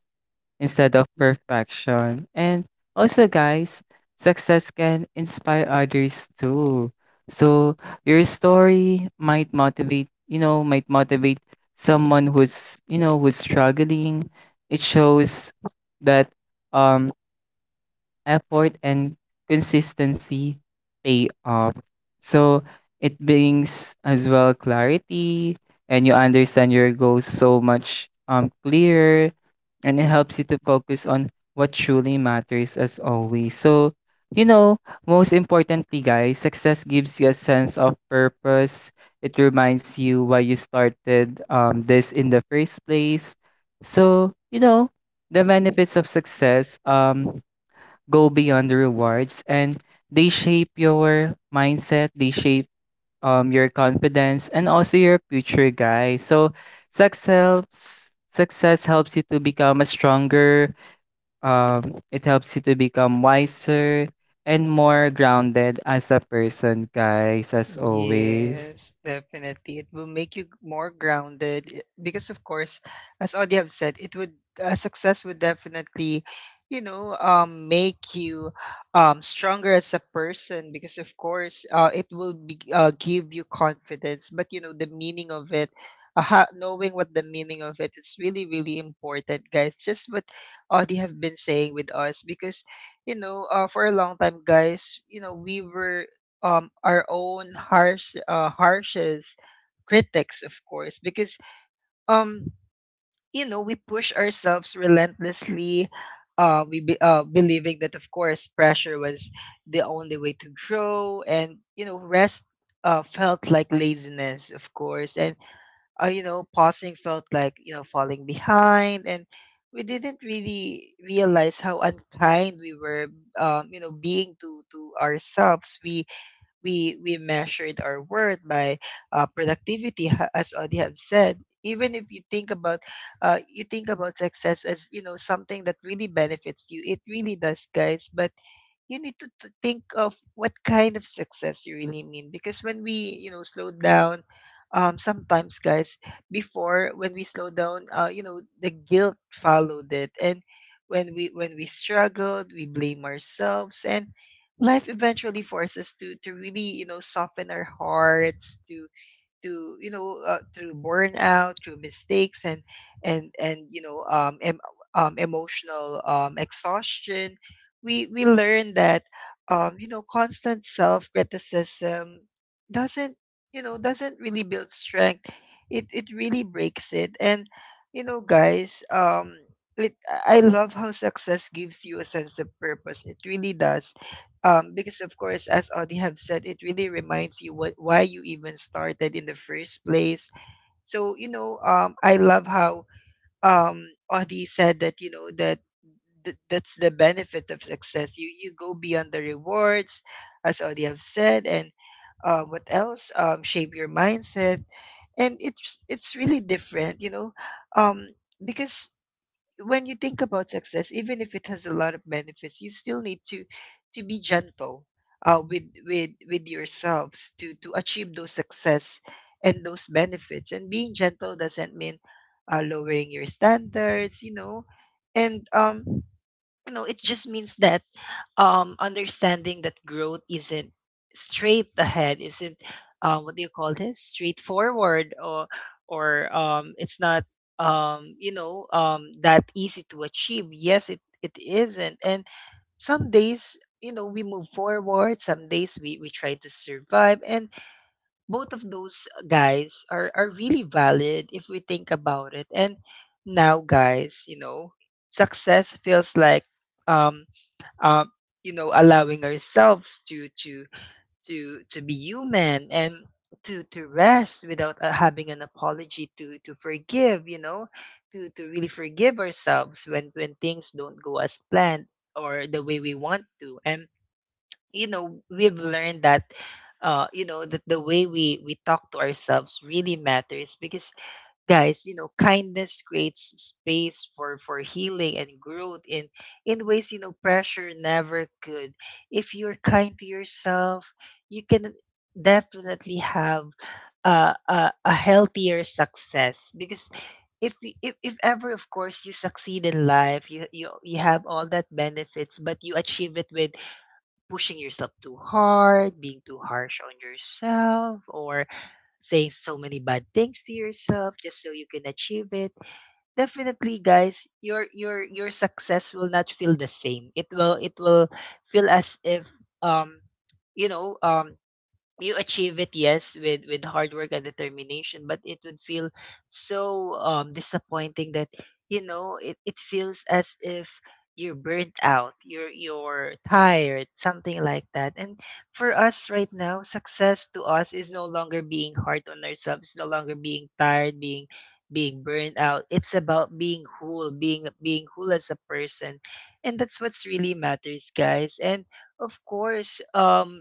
S1: instead of perfection. And also guys, success can inspire others too. So your story might motivate you know might motivate someone who's, you know who's struggling. It shows that um effort and consistency pay off. So it brings as well clarity, and you understand your goals so much um clearer. And it helps you to focus on what truly matters as always. So, you know, most importantly guys, success gives you a sense of purpose. It reminds you why you started um this in the first place. So, you know, the benefits of success um go beyond the rewards, and they shape your mindset, they shape um your confidence and also your future guys. So success helps success helps you to become a stronger, um it helps you to become wiser and more grounded as a person, guys, as always.
S2: Yes, definitely. It will make you more grounded i- because, of course, as Audie have said, it would, uh, success would definitely, you know, um, make you um stronger as a person because of course, uh, it will be, uh, give you confidence. But you know, the meaning of it, uh, ha- knowing what the meaning of it is really, really important, guys. Just what Audie have been saying with us, because you know, uh, for a long time, guys, you know, we were um, our own harsh, uh, harshest critics, of course, because, um, you know, we push ourselves relentlessly. Uh, we be, uh, believing that of course pressure was the only way to grow, and you know, rest uh, felt like laziness, of course, and uh, you know, pausing felt like, you know, falling behind. And we didn't really realize how unkind we were, um, you know, being to to ourselves. We we we measured our worth by, uh, productivity, ha- as Audie have said. Even if you think about, uh, you think about success as, you know, something that really benefits you, it really does, guys, but you need to, to think of what kind of success you really mean. Because when we, you know, slow down, um sometimes, guys, before when we slow down, uh you know, the guilt followed it. And when we when we struggled, we blame ourselves. And life eventually forces us to to really, you know, soften our hearts, to to you know, uh, through burnout, through mistakes, and and and you know, um, em- um emotional um exhaustion. we we learn that, um you know, constant self criticism doesn't, you know, doesn't really build strength, it it really breaks it. And you know, guys, um it, i I love how success gives you a sense of purpose. It really does, um, because of course, as Audie have said, it really reminds you what why you even started in the first place. So you know, um, I love how, um, Audie said that, you know, that th- that's the benefit of success. You you go beyond the rewards, as Audie have said, and, uh, what else? Um, shape your mindset. And it's it's really different, you know, um, because when you think about success, even if it has a lot of benefits, you still need to to be gentle, uh, with with with yourselves to to achieve those success and those benefits. And being gentle doesn't mean, uh, lowering your standards, you know. And um, no, it just means that, um, understanding that growth isn't straight ahead, isn't, um, what do you call this, straightforward, or or um, it's not, um, you know, um, that easy to achieve. Yes, it it isn't. And some days, you know, we move forward, some days we, we try to survive. And both of those, guys, are, are really valid, if we think about it. And now, guys, you know, success feels like, um um, you know, allowing ourselves to to to to be human, and to to rest without, uh, having an apology, to to forgive, you know, to to really forgive ourselves when when things don't go as planned, or the way we want to. And you know, we've learned that, uh, you know, that the way we we talk to ourselves really matters, because, guys, you know, kindness creates space for for healing and growth, in in ways, you know, pressure never could. If you're kind to yourself, you can definitely have a a, a healthier success. Because if, y- if if ever, of course, you succeed in life, you, you you have all that benefits, but you achieve it with pushing yourself too hard, being too harsh on yourself, or saying so many bad things to yourself just so you can achieve it, definitely, guys, your your your success will not feel the same. It will, it will feel as if, um you know, um you achieve it, yes, with with hard work and determination, but it would feel so, um disappointing that, you know, it, it feels as if you're burnt out, you're you're tired, something like that. And for us right now, success to us is no longer being hard on ourselves, no longer being tired, being being burnt out. It's about being whole, being being whole as a person. And that's what's really matters, guys. And of course, um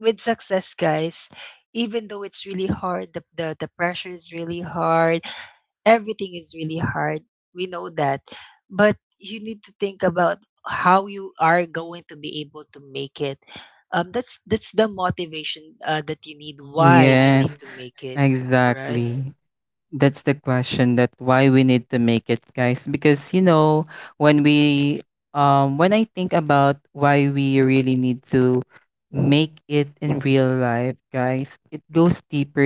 S2: with success, guys, even though it's really hard, the, the, the pressure is really hard, everything is really hard. We know that. But you need to think about how you are going to be able to make it. Um, that's that's the motivation, uh, that you need. Why you need
S1: Yes,
S2: to make it, right?
S1: exactly. That's the question, that why we need to make it, guys, because you know, when we um when I think about why we really need to make it in real life, guys, it goes deeper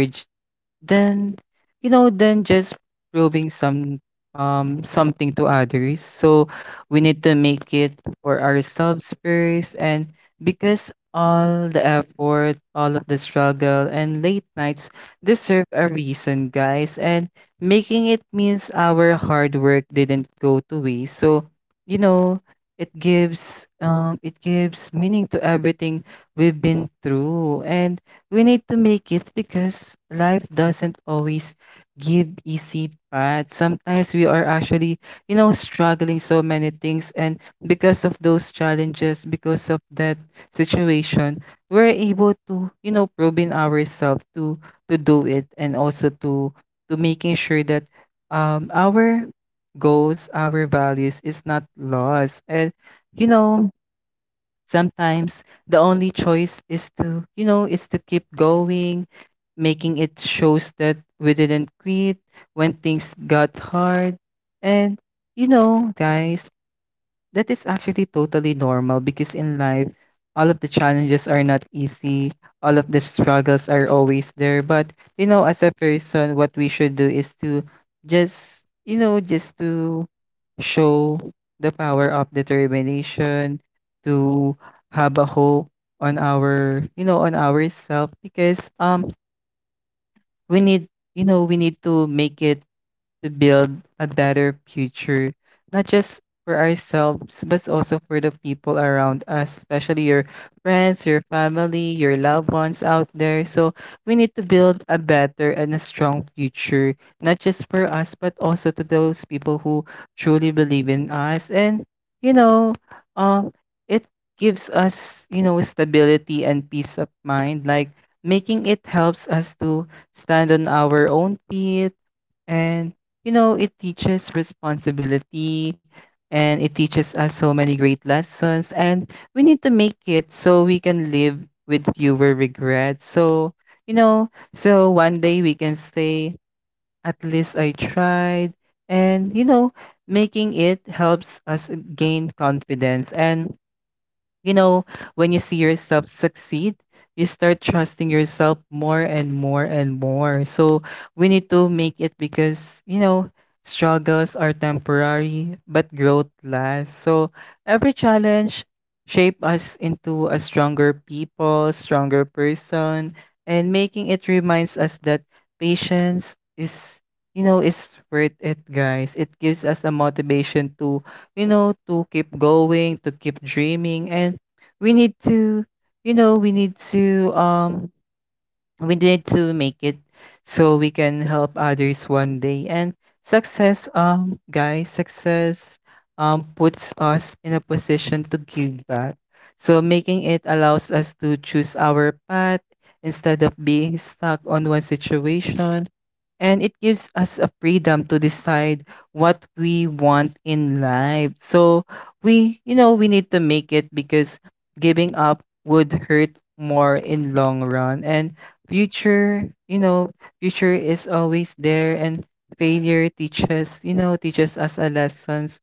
S1: then, you know, then just proving some um something to others. So we need to make it for ourselves first, and because all the effort, all of the struggle and late nights deserve a reason, guys. And making it means our hard work didn't go to waste. So, you know, it gives um it gives meaning to everything we've been through. And we need to make it because life doesn't always give easy path. Sometimes we are actually, you know, struggling so many things, and because of those challenges, because of that situation, we're able to, you know, probe in ourselves to to do it and also to to making sure that um our goals, our values is not lost. And you know, sometimes the only choice is to, you know, is to keep going. Making it shows that we didn't quit when things got hard. And, you know, guys, that is actually totally normal because in life, all of the challenges are not easy. All of the struggles are always there. But, you know, as a person, what we should do is to just, you know, just to show the power of determination, to have a hope on our, you know, on ourselves because um we need, you know, we need to make it to build a better future, not just for ourselves, but also for the people around us, especially your friends, your family, your loved ones out there. So we need to build a better and a strong future, not just for us, but also to those people who truly believe in us. And, you know, um, it gives us, you know, stability and peace of mind. Like, making it helps us to stand on our own feet, and you know, it teaches responsibility, and it teaches us so many great lessons. And we need to make it so we can live with fewer regrets. So, you know, so one day we can say at least I tried. And you know, making it helps us gain confidence. And you know, when you see yourself succeed, you start trusting yourself more and more and more. So we need to make it because, you know, struggles are temporary, but growth lasts. So every challenge shape us into a stronger people, stronger person, and making it reminds us that patience is, you know is worth it guys. It gives us a motivation to, you know, to keep going, to keep dreaming. And we need to, you know, we need to, um, we need to make it so we can help others one day. And success, um, guys, success, um, puts us in a position to give back. So making it allows us to choose our path instead of being stuck on one situation, and it gives us a freedom to decide what we want in life. So we you know we need to make it because giving up would hurt more in long run. And future, you know, future is always there. And failure teaches you know teaches us a lessons,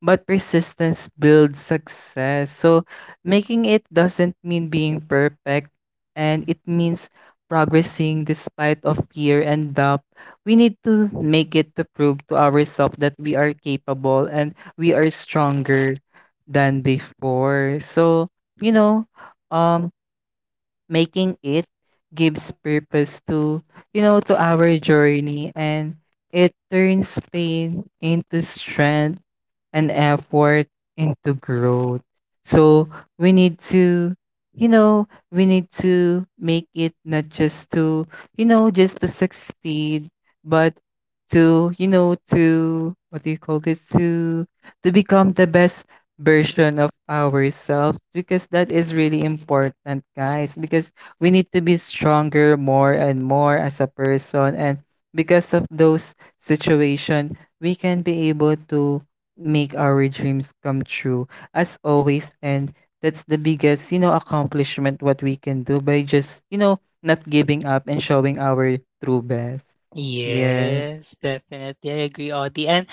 S1: but persistence builds success. So making it doesn't mean being perfect, and it means progressing despite of fear and doubt. We need to make it to prove to ourselves that we are capable and we are stronger than before. So, you know, um, making it gives purpose to, you know to our journey, and it turns pain into strength and effort into growth. So we need to, you know we need to make it not just to, you know just to succeed, but to, you know to what do you call this, to to become the best version of ourselves because that is really important, guys. Because we need to be stronger more and more as a person. And because of those situation, we can be able to make our dreams come true as always. And that's the biggest, you know, accomplishment what we can do by just, you know, not giving up and showing our true best. Yes.
S2: Yes, definitely. I agree, Audie. And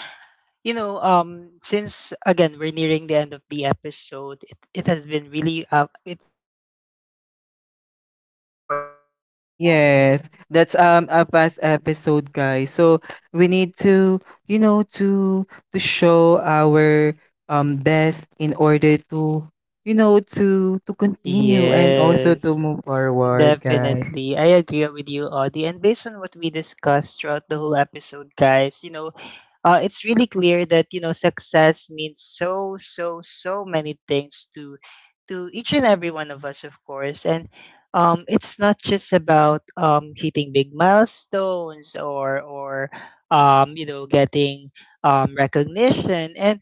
S2: you know, um, since again we're nearing the end of the episode, it, it has been really, uh, it has been a really fast episode, guys, because of course, uh, we just talk
S1: Yes,
S2: about
S1: that's
S2: success,
S1: um a
S2: right.
S1: past episode,
S2: <laughs>
S1: guys. So we
S2: Yes.
S1: need to, you know, to to show our um best in order to, you know, to to continue and also to
S2: Yes,
S1: move forward, guys.
S2: definitely. I agree with you, Audie. And based on what we discussed throughout the whole episode, guys, you know, uh, it's really clear that, you know, success means so, so, so many things to to each and every one of us, of course. And, um, it's not just about, um, hitting big milestones, or or um, you know, getting, um, recognition. And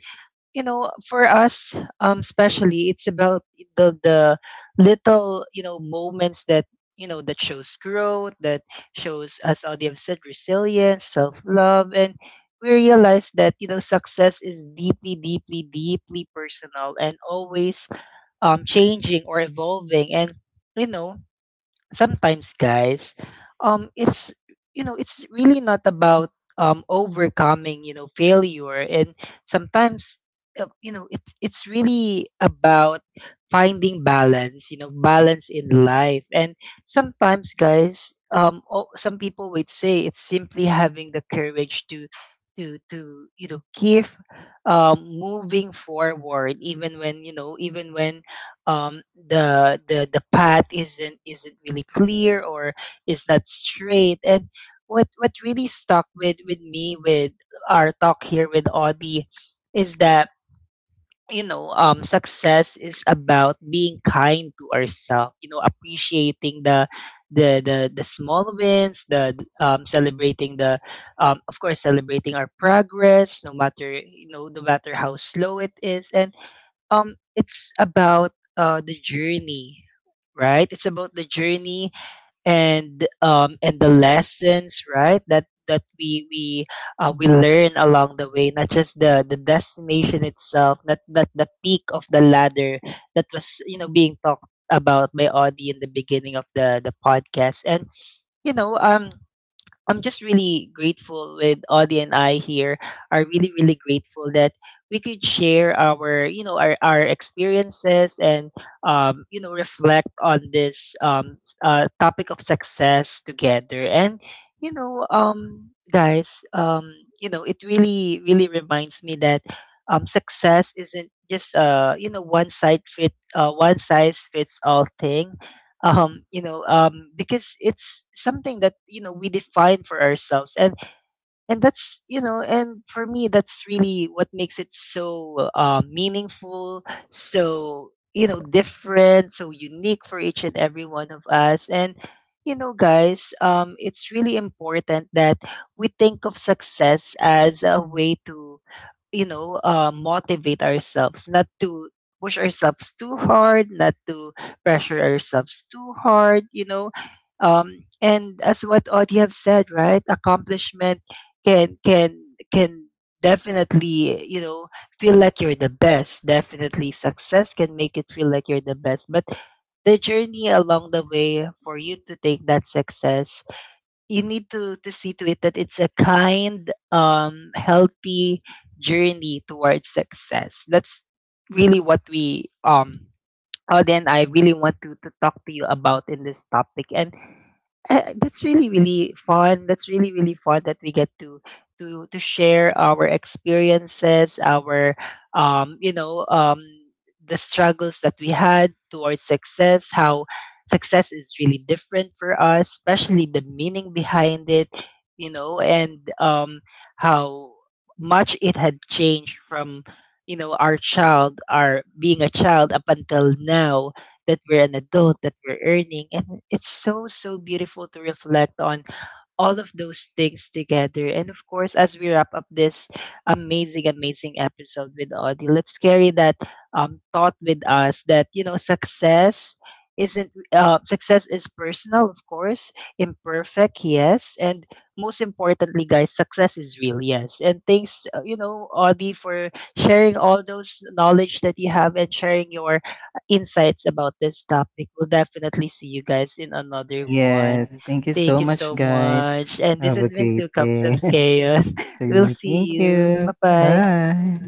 S2: you know, for us, um especially, it's about the the little, you know, moments that, you know, that shows growth, that shows, as audience said, resilience, self-love. And we realize that, you know, success is deeply, deeply, deeply personal, and always, um changing or evolving. And you know, sometimes, guys, um it's, you know, it's really not about, um overcoming, you know, failure. And sometimes, uh, you know, it's it's really about finding balance, you know, balance in life. And sometimes, guys, um oh, some people would say it's simply having the courage to to to you know, keep, um moving forward, even when, you know, even when, um the the the path isn't isn't really clear, or is not straight. And what what really stuck with with me with our talk here with Audie is that, you know, um success is about being kind to ourselves, you know, appreciating the the the the small wins, the, um celebrating the, um of course, celebrating our progress, no matter, you know, no matter how slow it is. And, um it's about, uh the journey, right, it's about the journey. And, um and the lessons, right, that that we we uh, we learn along the way, not just the the destination itself, not not the peak of the ladder, that was, you know, being talked about by Audie in the beginning of the the podcast. And you know, um I'm just really grateful with Audie, and I here are really, really grateful that we could share our, you know, our, our experiences, and, um, you know, reflect on this, um, s- uh, topic of success together. And you know, um, guys, um, you know, it really really reminds me that, um, success isn't just, uh, you know, one side fit uh, one size fits all thing, um you know, um because it's something that, you know, we define for ourselves. and and that's, you know, and for me, that's really what makes it so, uh, meaningful, so, you know, different, so unique for each and every one of us. And you know, guys, um it's really important that we think of success as a way to, you know, uh, motivate ourselves, not to push ourselves too hard, not to pressure ourselves too hard, you know. Um, and as what Audie have said, right? Accomplishment can can can definitely, you know, feel like you're the best. Definitely success can make it feel like you're the best. But the journey along the way for you to take that success, you need to to see to it that it's a kind, um healthy journey towards success. That's really what we, um Auden, I really want to, to talk to you about in this topic. And <laughs> Uh, that's really really fun, that's really really fun, that we get to to to share our experiences, our, um you know, um the struggles that we had towards success, how success is really different for us, especially the meaning behind it, you know. And, um how much it had changed from, you know, our child our being a child up until now, that we're an adult, that we're earning. And it's so, so beautiful to reflect on all of those things together. And of course, as we wrap up this amazing, amazing episode with Audie, let's carry that, um, thought with us, that, you know, success isn't, uh, success is personal, of course, imperfect, yes. And most importantly, guys, success is real, yes. And thanks, uh, you know, Audie, for sharing all those knowledge that you have, and sharing your insights about this topic. We'll definitely see you guys in another one.
S1: Yes, thank you so
S2: Thank you
S1: much,
S2: so
S1: guys.
S2: much. And this
S1: Have a
S2: has been
S1: great
S2: Two Cups of
S1: day. <laughs>
S2: Chaos. <laughs> We'll see
S1: Thank
S2: you.
S1: you.
S2: Bye bye.
S1: Bye.